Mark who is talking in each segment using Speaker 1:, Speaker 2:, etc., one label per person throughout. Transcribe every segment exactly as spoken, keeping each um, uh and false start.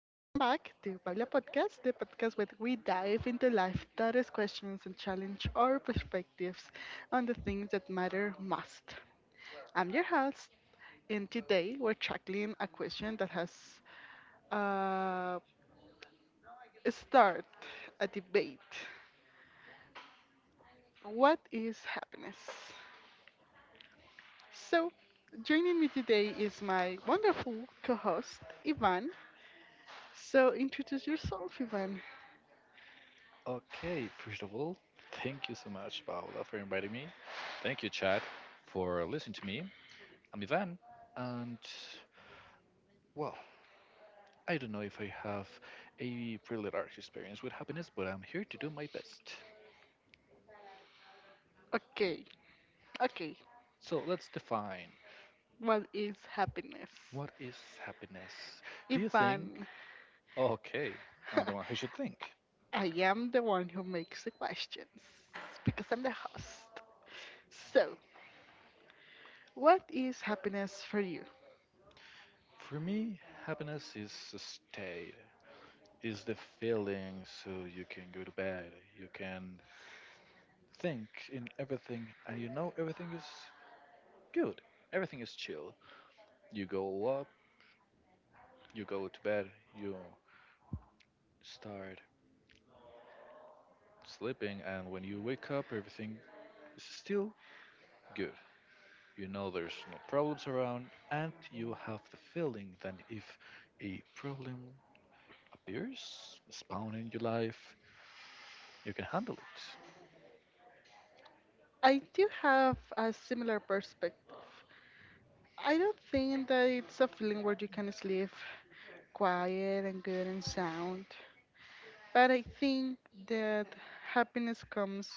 Speaker 1: back to Paula Podcast, the podcast where we dive into life that is questions and challenge our perspectives on the things that matter most. I'm your host, and today we're tackling a question that has uh, started a debate. What is happiness? So, joining me today is my wonderful co host, Ivan. So, introduce yourself, Ivan.
Speaker 2: Okay, first of all, thank you so much, Paula, for inviting me. Thank you, Chad, for listening to me. I'm Ivan, and well, I don't know if I have a really large experience with happiness, but I'm here to do my best.
Speaker 1: Okay, okay.
Speaker 2: So let's define
Speaker 1: What is happiness?
Speaker 2: what is happiness. Do you think?
Speaker 1: Ivan.
Speaker 2: Okay, I'm the one who should think.
Speaker 1: I am the one who makes the questions because I'm the host. So, what is happiness for you?
Speaker 2: For me, happiness is a state, is the feeling so you can go to bed, you can think in everything and you know everything is good. Everything is chill. You go up, you go to bed, you start sleeping, and when you wake up, everything is still good. You know there's no problems around, and you have the feeling that if a problem appears, spawn in your life, you can handle it.
Speaker 1: I do have a similar perspective. I don't think that it's a feeling where you can sleep quiet and good and sound, but I think that happiness comes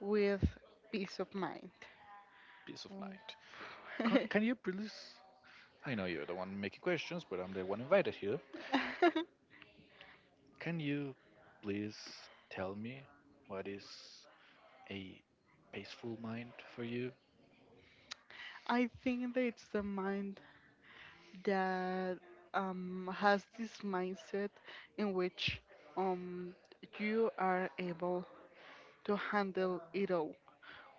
Speaker 1: with peace of mind.
Speaker 2: Peace of mind. Can,
Speaker 1: Mm.
Speaker 2: can you please? I know you're the one making questions, but I'm the one invited here. Can you please tell me what is a peaceful mind for you?
Speaker 1: I think that it's the mind that um, has this mindset in which um, you are able to handle it all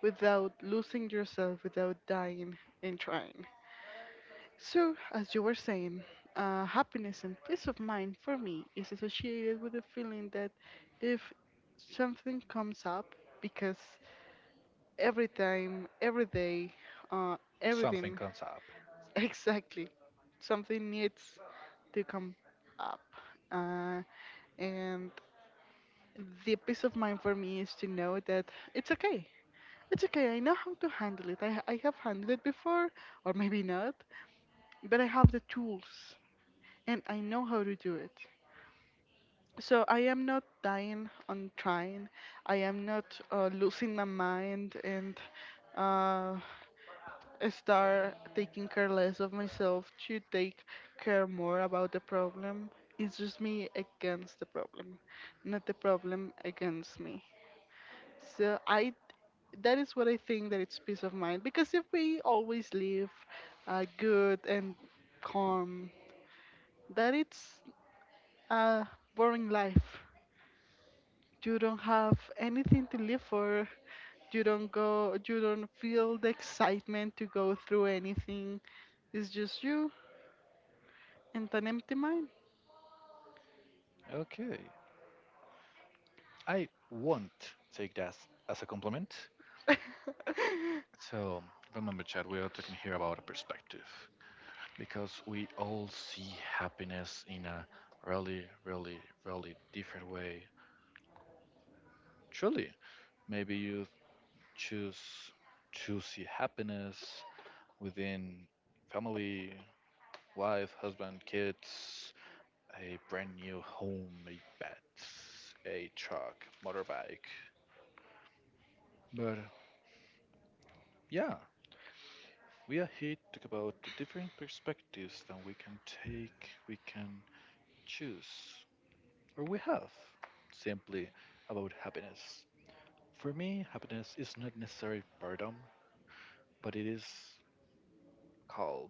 Speaker 1: without losing yourself, without dying and trying. So, as you were saying, uh, happiness and peace of mind for me is associated with the feeling that if something comes up, because every time, every day, uh,
Speaker 2: Something
Speaker 1: everything
Speaker 2: comes up.
Speaker 1: Exactly. Something needs to come up. Uh, and the peace of mind for me is to know that it's okay. It's okay. I know how to handle it. I, I have handled it before, or maybe not, but I have the tools and I know how to do it. So I am not dying on trying. I am not uh, losing my mind and uh, start taking care less of myself to take care more about the problem. It's just me against the problem, not the problem against me. So I that is what I think that it's peace of mind, because if we always live uh, good and calm, that it's a boring life. You don't have anything to live for. You don't go. You don't feel the excitement to go through anything. It's just you and an empty mind.
Speaker 2: Okay. I won't take that as a compliment. So, remember, Chad, we are talking here about a perspective because we all see happiness in a really, really, really different way. Truly, maybe you choose to see happiness within family, wife, husband, kids, a brand new home, a bed, a truck, motorbike. But yeah, we are here to talk about the different perspectives that we can take, we can choose, or we have simply about happiness. For me, happiness is not necessarily boredom, but it is calm.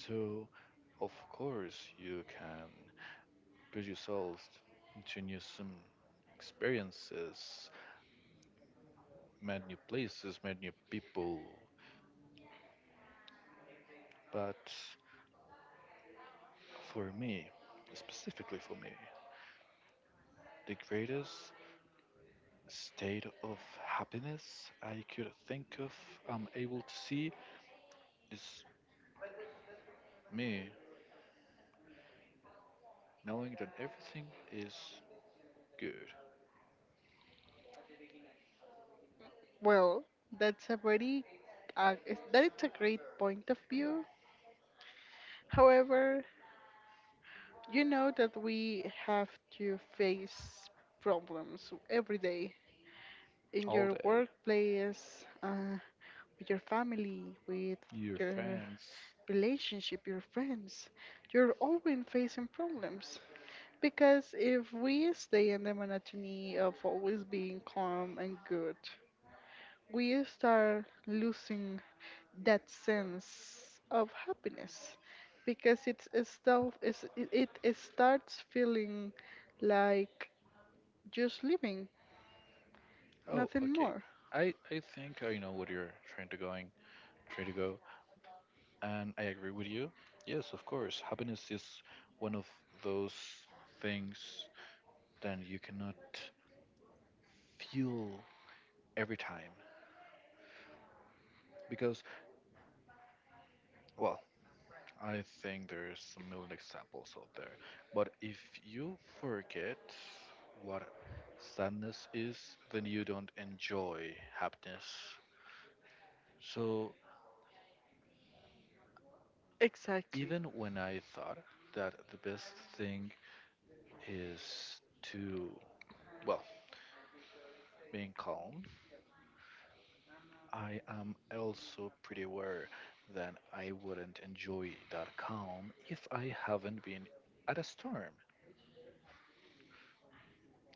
Speaker 2: So, of course, you can put yourself into new some experiences, met new places, met new people, but for me, specifically for me, the greatest state of happiness I could think of, I'm able to see, is me knowing that everything is good
Speaker 1: Well, that's a very uh, is- that it's a great point of view. However, you know that we have to face problems every day in
Speaker 2: all
Speaker 1: your
Speaker 2: day.
Speaker 1: workplace, uh, with your family, with
Speaker 2: Your
Speaker 1: your
Speaker 2: friends.
Speaker 1: relationship, your friends. You're always facing problems, because if we stay in the monotony of always being calm and good, we start losing that sense of happiness because it's a stuff is it it- it starts feeling like just living,
Speaker 2: Oh,
Speaker 1: nothing
Speaker 2: okay.
Speaker 1: more.
Speaker 2: I I think I know what you're trying to going, trying to go, and I agree with you. Yes, of course. Happiness is one of those things that you cannot fuel every time, because, well, I think there's a million examples out there. But if you forget what sadness is, then you don't enjoy happiness. So
Speaker 1: Exactly,
Speaker 2: even when I thought that the best thing is to, well, being calm, I am also pretty aware that I wouldn't enjoy that calm if I haven't been at a storm.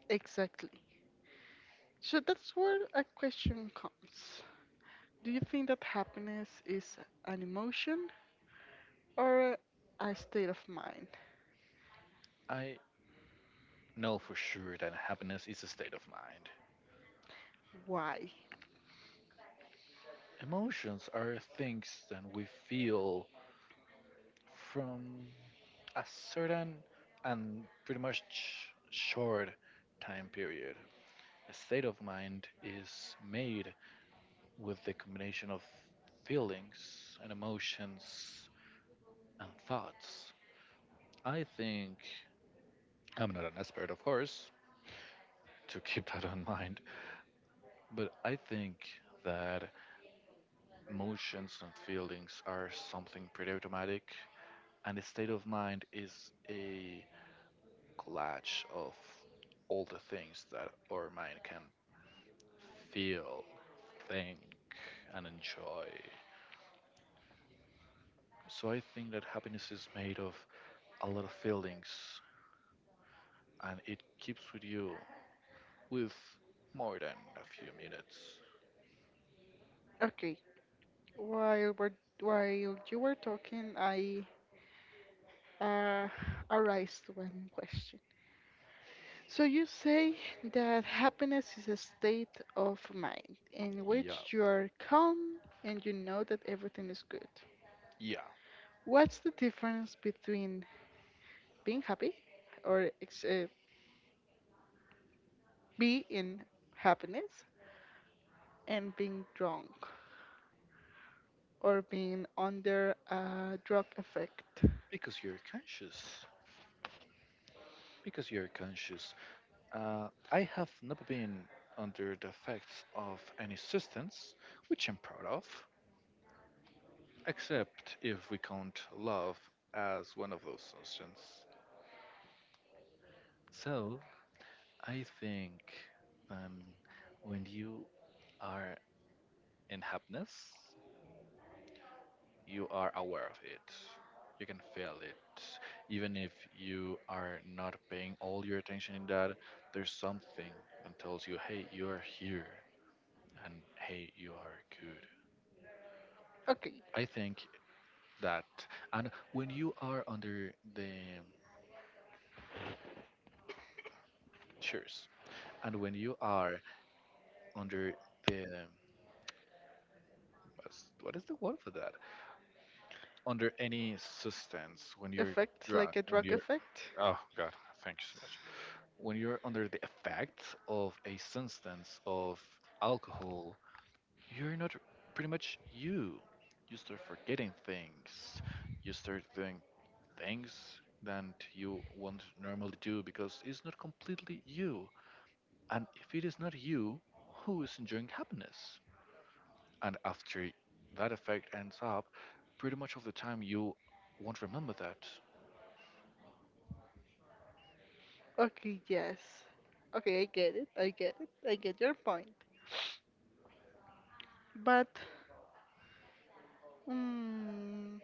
Speaker 1: exactly. So that's where a question comes. Do you think that happiness is an emotion or a state of mind?
Speaker 2: I know for sure that happiness is a state of mind.
Speaker 1: Why?
Speaker 2: Emotions are things that we feel from a certain and pretty much short time period. A state of mind is made with the combination of feelings and emotions and thoughts. I think, I'm not an expert, of course, to keep that in mind, but I think that emotions and feelings are something pretty automatic, and the state of mind is a collage of all the things that our mind can feel, think, and enjoy. So I think that happiness is made of a lot of feelings, and it keeps with you with more than a few minutes.
Speaker 1: Okay, while we're while you were talking, I uh, arise to one question. So you say that happiness is a state of mind in
Speaker 2: Yeah.
Speaker 1: which you are calm and you know that everything is good.
Speaker 2: Yeah,
Speaker 1: What's the difference between being happy or ex- uh, be in happiness and being drunk or being under a drug effect?
Speaker 2: because you're conscious. Because you're conscious Uh, I have never been under the effects of any substance, which I'm proud of, except if we count love as one of those substances. So I think, um, when you are in happiness, you are aware of it. You can feel it, even if you are not paying all your attention in that. There's something that tells you, "Hey, you are here," and "Hey, you are good."
Speaker 1: Okay,
Speaker 2: I think that, and when you are under the chairs, and when you are under the, what's- what is the word for that, under any substance, when you're
Speaker 1: effect
Speaker 2: drunk,
Speaker 1: like a
Speaker 2: when
Speaker 1: drug
Speaker 2: you're
Speaker 1: effect.
Speaker 2: oh god, thank you so much, when you're under the effects of a substance, of alcohol, you're not pretty much you you start forgetting things, you start doing things that you won't normally do, because it's not completely you. And if it is not you, who is enjoying happiness? And after that effect ends up, pretty much of the time you won't remember that.
Speaker 1: Okay, yes. Okay, I get it. I get it. I get your point. But, um,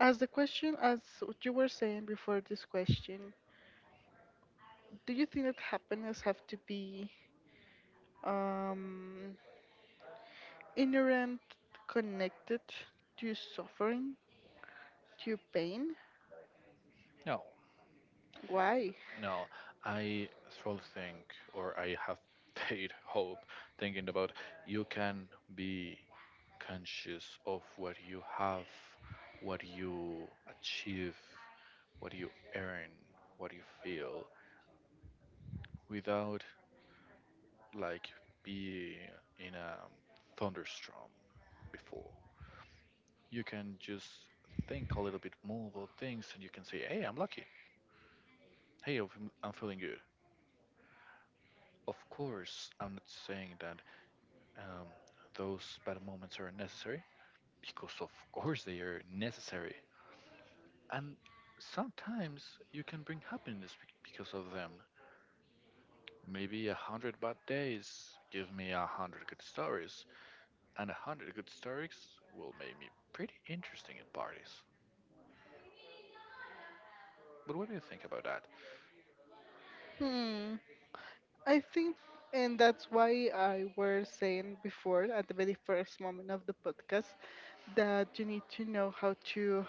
Speaker 1: as the question, as what you were saying before this question, do you think that happiness have to be um inherent connected to suffering, to pain?
Speaker 2: No,
Speaker 1: Why?
Speaker 2: no. I still think, or I have paid hope thinking about you can be conscious of what you have, what you achieve, what you earn, what you feel, without like being in a thunderstorm before. You can just think a little bit more about things and you can say, hey, I'm lucky. Hey, I'm I'm feeling good. Of course, I'm not saying that, um, those bad moments are necessary, because of course they are necessary. And sometimes you can bring happiness bec- because of them. Maybe a hundred bad days give me a hundred good stories, and a hundred good stories will make me pretty interesting at parties. But what do you think about that?
Speaker 1: Hmm. I think, and that's why I were saying before at the very first moment of the podcast, that you need to know how to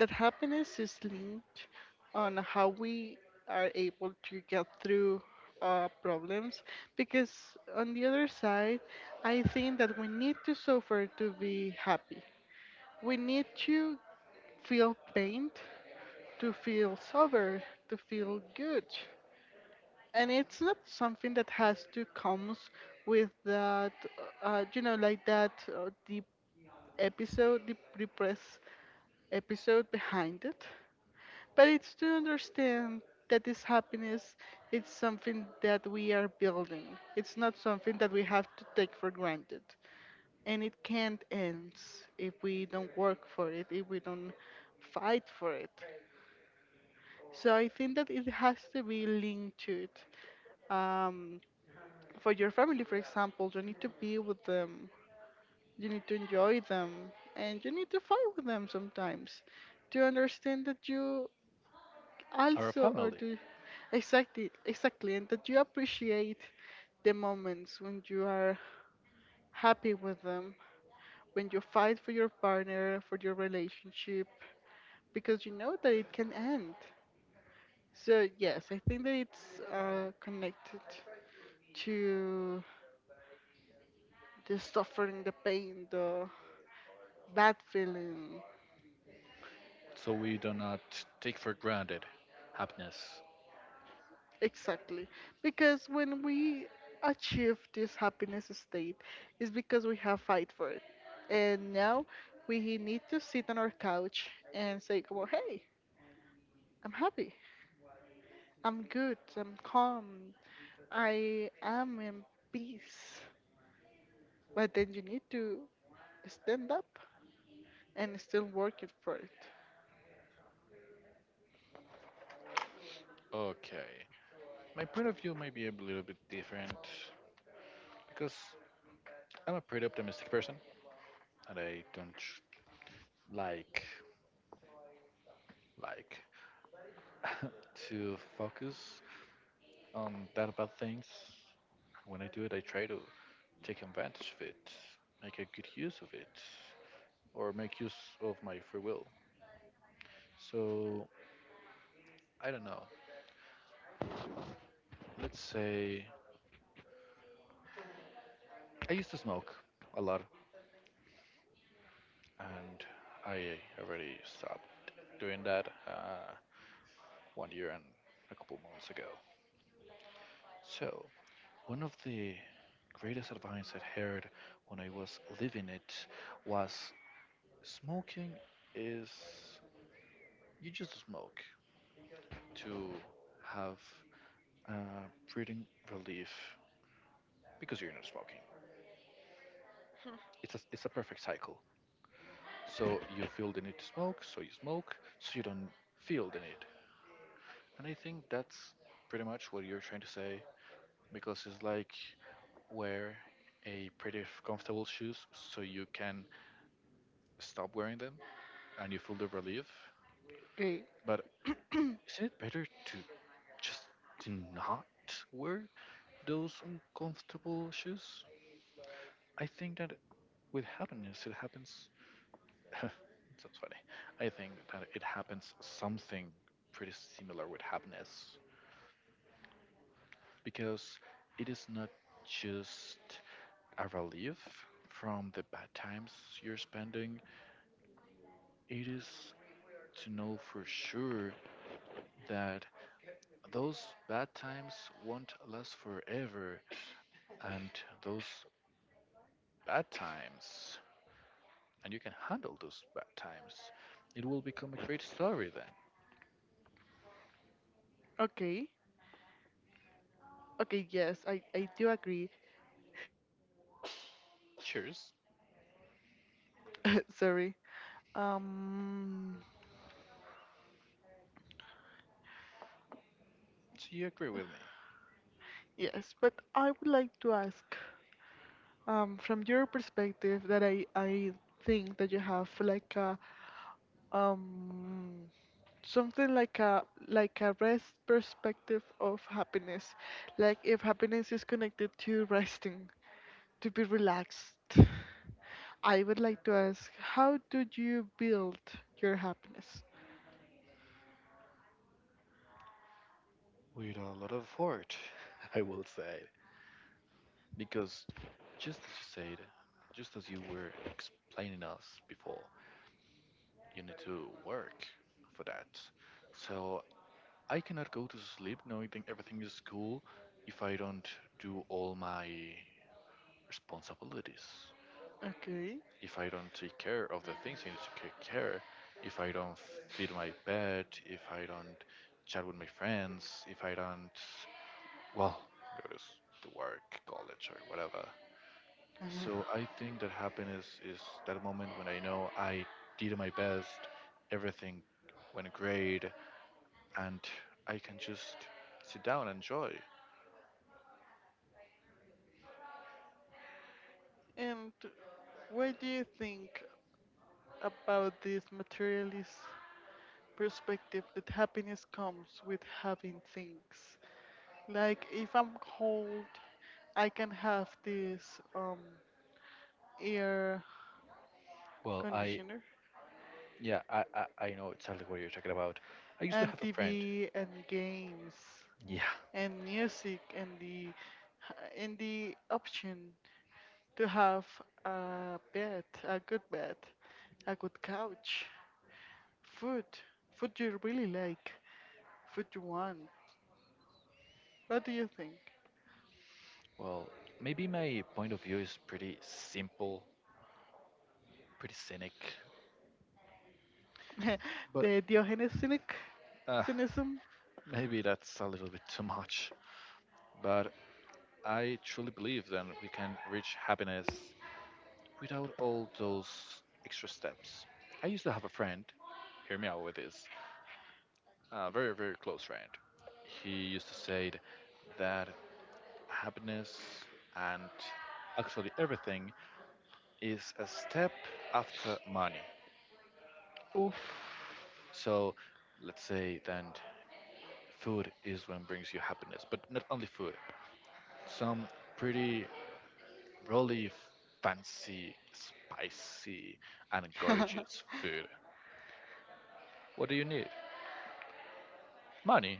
Speaker 1: that happiness is linked on how we are able to get through uh, problems, because on the other side I think that we need to suffer to be happy. We need to feel pain, to feel sober, to feel good, and it's not something that has to comes with that uh, you know, like that uh, deep episode, deep repressed episode behind it. But it's to understand that this happiness, it's something that we are building. It's not something that we have to take for granted. And it can't end if we don't work for it, if we don't fight for it. So I think that it has to be linked to it. Um, for your family, for example, you need to be with them, you need to enjoy them, and you need to fight with them sometimes to understand that you
Speaker 2: Our
Speaker 1: also or
Speaker 2: family?
Speaker 1: do exactly exactly, and that you appreciate the moments when you are happy with them, when you fight for your partner, for your relationship, because you know that it can end. So yes, I think that it's uh, connected to the suffering, the pain, the bad feeling.
Speaker 2: So we do not take for granted happiness.
Speaker 1: Exactly. Because when we achieve this happiness state, it's because we have fight for it. And now we need to sit on our couch and say, well, hey, I'm happy. I'm good. I'm calm. I am in peace. But then you need to stand up and still work it for it.
Speaker 2: Okay. My point of view may be a little bit different because I'm a pretty optimistic person and I don't like like to focus on that bad things. When I do it, I try to take advantage of it, make a good use of it, or make use of my free will. So, I don't know. Let's say I used to smoke a lot and I already stopped doing that uh, one year and a couple months ago. So, one of the greatest advice I heard when I was living it was smoking is you just smoke to have uh, breathing relief, because you're not smoking. It's a, it's a perfect cycle. So you feel the need to smoke, so you smoke, so you don't feel the need. And I think that's pretty much what you're trying to say, because it's like wear a pretty comfortable shoes so you can stop wearing them and you feel the relief.
Speaker 1: Okay.
Speaker 2: But isn't it better to just do not wear those uncomfortable shoes? I think that with happiness it happens. That's funny. I think that it happens something pretty similar with happiness, because it is not just a relief from the bad times you're spending. It is to know for sure that those bad times won't last forever, and those bad times, and you can handle those bad times. It will become a great story then.
Speaker 1: Okay. Okay, yes, I, I do agree.
Speaker 2: Cheers.
Speaker 1: Sorry. Um,
Speaker 2: So you agree with me?
Speaker 1: yes, but I would like to ask. Um, from your perspective, that I I think that you have like a um something like a like a rest perspective of happiness, like if happiness is connected to resting, to be relaxed. I would like to ask, how did you build your happiness?
Speaker 2: With a lot of heart, I will say. Because just as you said, just as you were explaining us before, you need to work for that. So I cannot go to sleep knowing that everything is cool if I don't do all my responsibilities,
Speaker 1: Okay,
Speaker 2: if I don't take care of the things I need to take care, if I don't feed my pet, if I don't chat with my friends, if I don't, well, go to, s- to work, college, or whatever. So I think that happiness is that moment when I know I did my best, everything went great, and I can just sit down and enjoy.
Speaker 1: and what do you think about this materialist perspective that happiness comes with having things? Like if I'm cold, I can have this um air
Speaker 2: Well, I
Speaker 1: conditioner
Speaker 2: yeah, I, I I know exactly what you're talking about. I used to
Speaker 1: and
Speaker 2: have a friend.
Speaker 1: T V and games
Speaker 2: Yeah.
Speaker 1: and music and the and the option to have a bed, a good bed, a good couch, food, food you really like, food you want. What do you think?
Speaker 2: Well, maybe my point of view is pretty simple, pretty cynic, but
Speaker 1: the Diogenes cynic,
Speaker 2: uh,
Speaker 1: cynicism?
Speaker 2: maybe that's a little bit too much. But I truly believe that we can reach happiness without all those extra steps. I used to have a friend. Hear me out with this. A very very close friend. He used to say that happiness and actually everything is a step after money.
Speaker 1: Oof.
Speaker 2: So let's say then food is what brings you happiness, but not only food. Some pretty really fancy, spicy, and gorgeous food. What do you need? Money,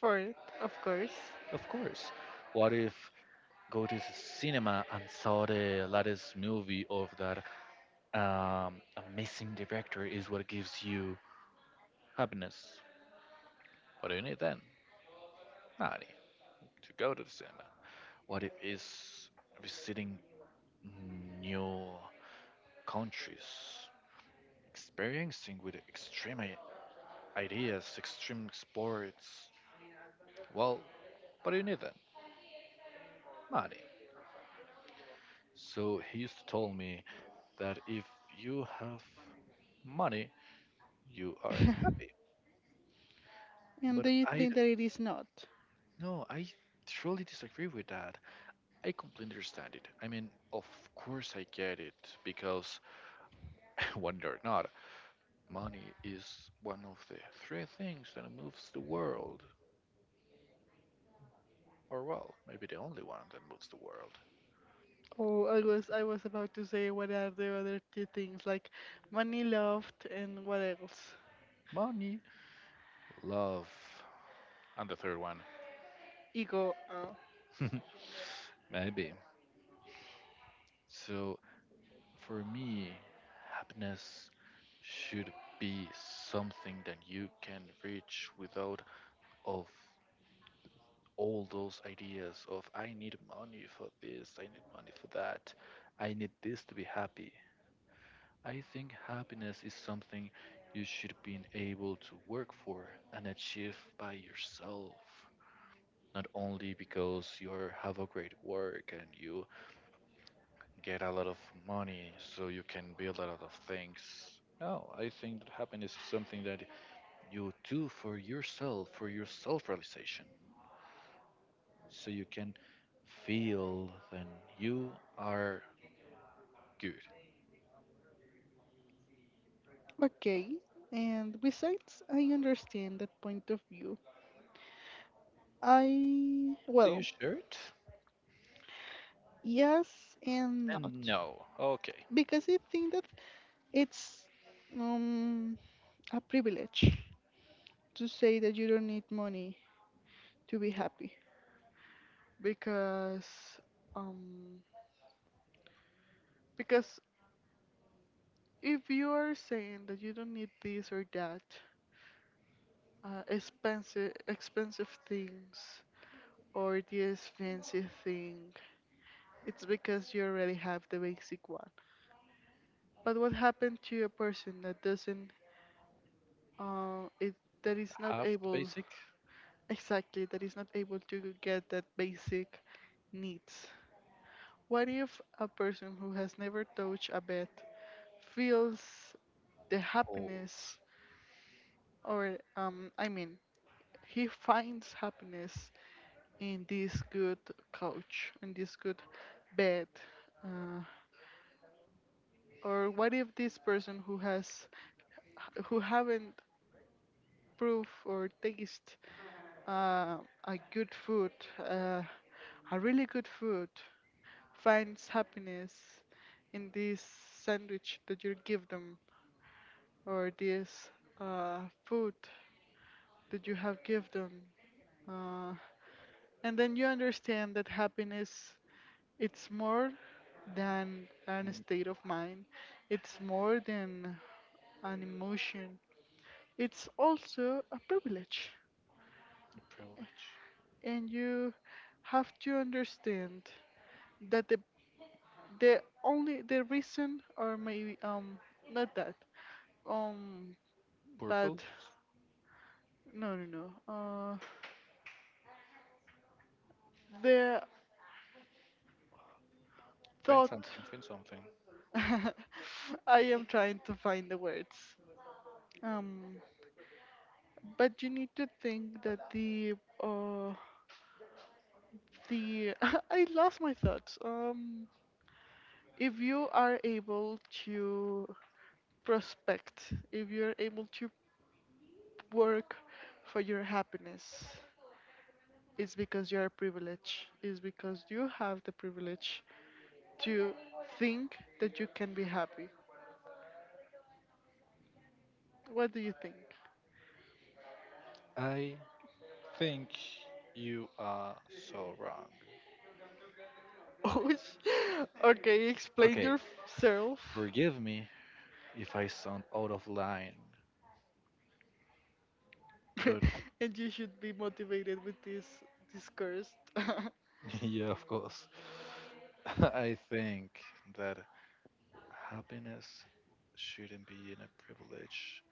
Speaker 1: For it, of course.
Speaker 2: of course. What if go to the cinema and saw the latest movie of that, um, amazing director is what gives you happiness? What do you need then? Money to go to the cinema. What if is visiting new countries, experiencing with extreme i- ideas, extreme sports? Well, but you need them, money. So he used to tell me that if you have money, you are happy.
Speaker 1: And do
Speaker 2: But
Speaker 1: you
Speaker 2: I
Speaker 1: think
Speaker 2: d-
Speaker 1: that it is not?
Speaker 2: no, I truly disagree with that. I completely understand it. I mean, of course I get it because when you're not money is one of the three things that moves the world, or well, maybe the only one that moves the world.
Speaker 1: Oh, I was I was about to say, what are the other two things, like money, love, and what else?
Speaker 2: Money, love, and the third one.
Speaker 1: Ego. Uh.
Speaker 2: Maybe. So, for me, happiness should be something that you can reach without of all those ideas of I need money for this, I need money for that, I need this to be happy. I think happiness is something you should be able to work for and achieve by yourself. Not only because you have a great work and you get a lot of money so you can build a lot of things. No, I think that happiness is something that you do for yourself, for your self realization, so you can feel that you are good.
Speaker 1: Okay. And besides, I understand that point of view. I
Speaker 2: Do you
Speaker 1: well,
Speaker 2: share it?
Speaker 1: yes and not,
Speaker 2: And no. Okay.
Speaker 1: because I think that it's um a privilege to say that you don't need money to be happy, because um because if you are saying that you don't need this or that, uh, expensive expensive things or the expensive thing, it's because you already have the basic one. But what happened to a person that doesn't uh, it that is not
Speaker 2: Half the
Speaker 1: able
Speaker 2: basic.
Speaker 1: exactly, that is not able to get that basic needs? What if a person who has never touched a bed feels the
Speaker 2: Cold.
Speaker 1: happiness or um, I mean, he finds happiness in this good couch, in this good bed. Uh, or what if this person who has who haven't proof or taste uh, a good food, uh, a really good food, finds happiness in this sandwich that you give them, or this uh, food that you have given them. Uh, And then you understand that happiness, it's more than an
Speaker 2: Mm,
Speaker 1: state of mind. It's more than an emotion. It's also a privilege.
Speaker 2: privilege.
Speaker 1: And you have to understand that the the only the reason, or maybe um not that um
Speaker 2: Purpose?
Speaker 1: but no no no uh the
Speaker 2: Find
Speaker 1: thought,
Speaker 2: something, find something.
Speaker 1: I am trying to find the words. Um, but you need to think that the uh the I lost my thoughts. Um, if you are able to prospect, if you're able to work for your happiness, it's because you are privileged. It's because you have the privilege to think that you can be happy. What do you think?
Speaker 2: I think you are so wrong.
Speaker 1: Oh, sh- okay, explain
Speaker 2: Okay,
Speaker 1: yourself.
Speaker 2: forgive me if I sound out of line, but
Speaker 1: And you should be motivated with this, this cursed
Speaker 2: yeah, of course. I think that happiness shouldn't be in a privilege.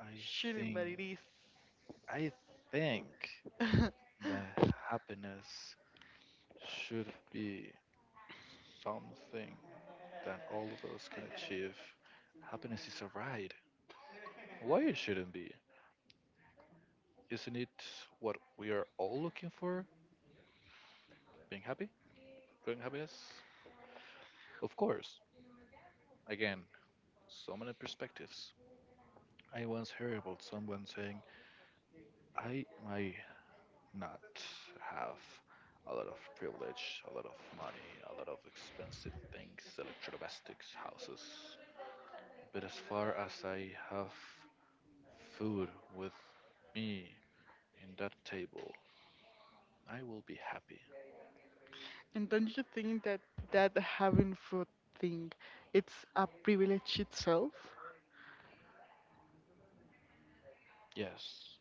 Speaker 2: I
Speaker 1: shooting, but
Speaker 2: think
Speaker 1: it is.
Speaker 2: I think that happiness should be something that all of us can achieve. Happiness is a ride. Why it shouldn't be? Isn't it what we are all looking for? Being happy? Growing happiness? Of course. Again, so many perspectives. I once heard about someone saying, I might not have a lot of privilege, a lot of money, a lot of expensive things, electrodomestics, houses. But as far as I have food with me in that table, I will be happy.
Speaker 1: And don't you think that, that having food thing, it's a privilege itself?
Speaker 2: Yes.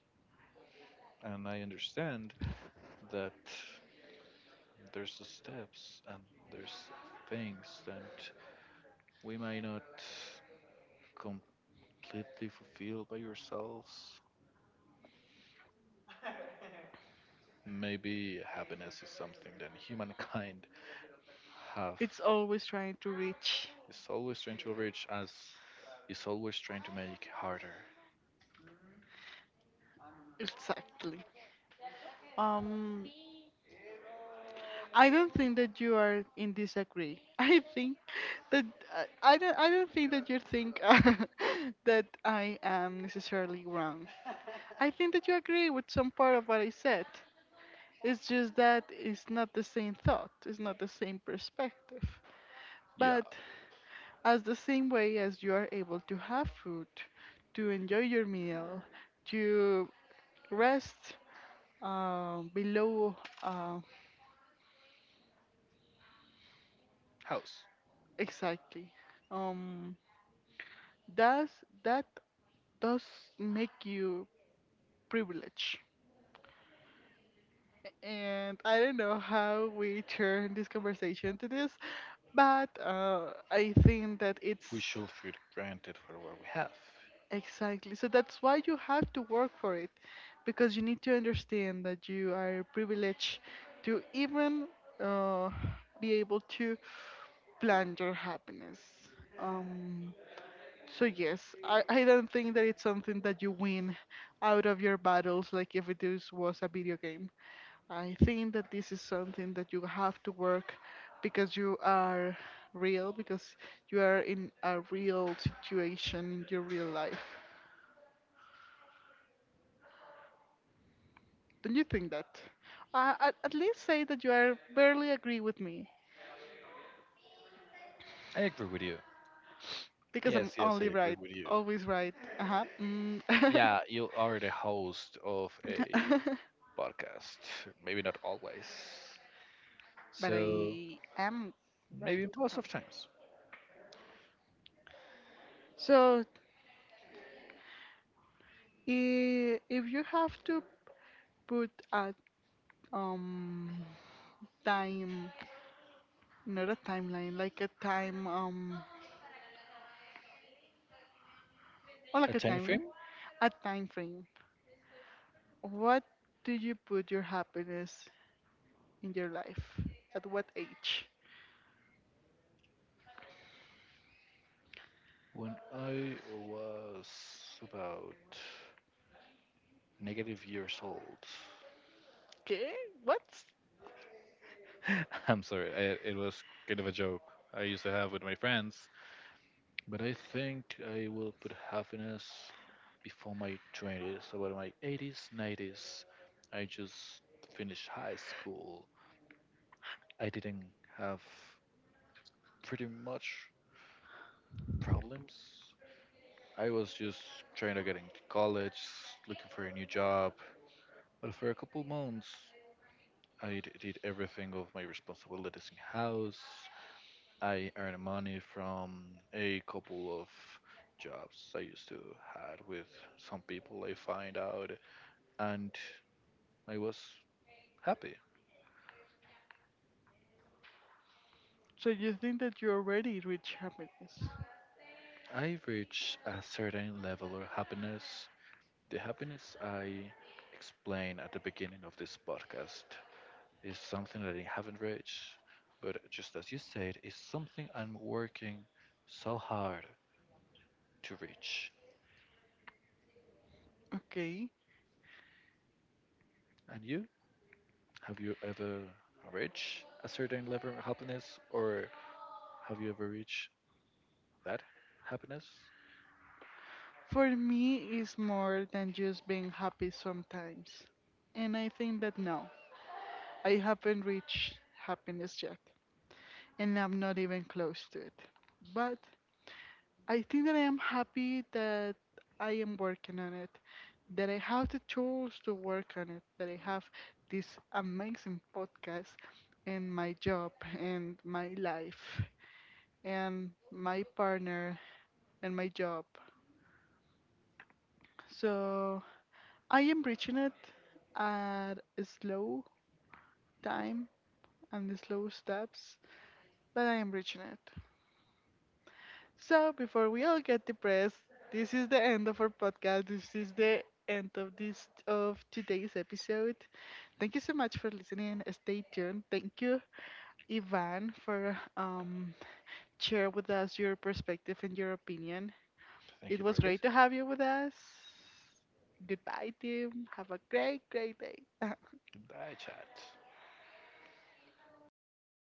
Speaker 2: And I understand that there's the steps and there's things that we might not completely fulfill by yourselves. Maybe happiness is something that humankind have
Speaker 1: It's always trying to reach.
Speaker 2: is always trying to reach as is always trying to make harder.
Speaker 1: Exactly. Um, I don't think that you are in disagree. I think that I, I don't. I don't think that you think that I am necessarily wrong. I think that you agree with some part of what I said. It's just that it's not the same thought, it's not the same perspective.
Speaker 2: Yeah.
Speaker 1: But as the same way as you are able to have food, to enjoy your meal, to rest uh, below, uh,
Speaker 2: House.
Speaker 1: exactly. Um, does that does make you privileged? And I don't know how we turn this conversation to this, but uh, I think that it's
Speaker 2: We should feel granted for what we have.
Speaker 1: exactly, so that's why you have to work for it, because you need to understand that you are privileged to even uh, be able to plan your happiness. Um, so yes, I, I don't think that it's something that you win out of your battles, like if it is, was a video game. I think that this is something that you have to work, because you are real, because you are in a real situation in your real life. Don't you think that? Uh, at, at least say that you are barely agree with me,
Speaker 2: I agree with you.
Speaker 1: because I'm
Speaker 2: Yes, yes, I
Speaker 1: only
Speaker 2: agree
Speaker 1: right,
Speaker 2: with you.
Speaker 1: always right. Uh-huh. Mm.
Speaker 2: Yeah, you are the host of a podcast. Maybe not always.
Speaker 1: But
Speaker 2: So
Speaker 1: I am right.
Speaker 2: maybe most of times.
Speaker 1: So i- if you have to put a um time, not a timeline, like a time um or
Speaker 2: A
Speaker 1: like a
Speaker 2: time
Speaker 1: timeline,
Speaker 2: frame
Speaker 1: a time frame. What do you put your happiness in your life? At what age?
Speaker 2: when I was about negative years old.
Speaker 1: Okay, what?
Speaker 2: I'm sorry, I, it was kind of a joke I used to have with my friends. But I think I will put happiness before my twenties, about my eighties, nineties. I just finished high school. I didn't have pretty much problems. I was just trying to get into college, looking for a new job. But for a couple months, I d- did everything of my responsibilities in house. I earned money from a couple of jobs I used to had with some people I find out, and I was happy.
Speaker 1: So you think that you already reach happiness?
Speaker 2: I reached a certain level of happiness. The happiness I explained at the beginning of this podcast is something that I haven't reached. But just as you said, it's something I'm working so hard to reach.
Speaker 1: Okay.
Speaker 2: And you? Have you ever reached a certain level of happiness or have you ever reached that happiness?
Speaker 1: For me, it's more than just being happy sometimes, and I think that no, I haven't reached happiness yet, and I'm not even close to it. But I think that I am happy that I am working on it, that I have the tools to work on it, that I have this amazing podcast and my job and my life and my partner and my job. So I am reaching it at a slow time and the slow steps, but I am reaching it. So before we all get depressed, this is the end of our podcast. This is the end of this of today's episode. Thank you so much for listening. Stay tuned. Thank you Ivan, for um, share with us your perspective and your opinion.
Speaker 2: Thank
Speaker 1: It
Speaker 2: you for
Speaker 1: was great to
Speaker 2: listening.
Speaker 1: have you with us. Goodbye, team. Have a great, great day.
Speaker 2: Goodbye, chat.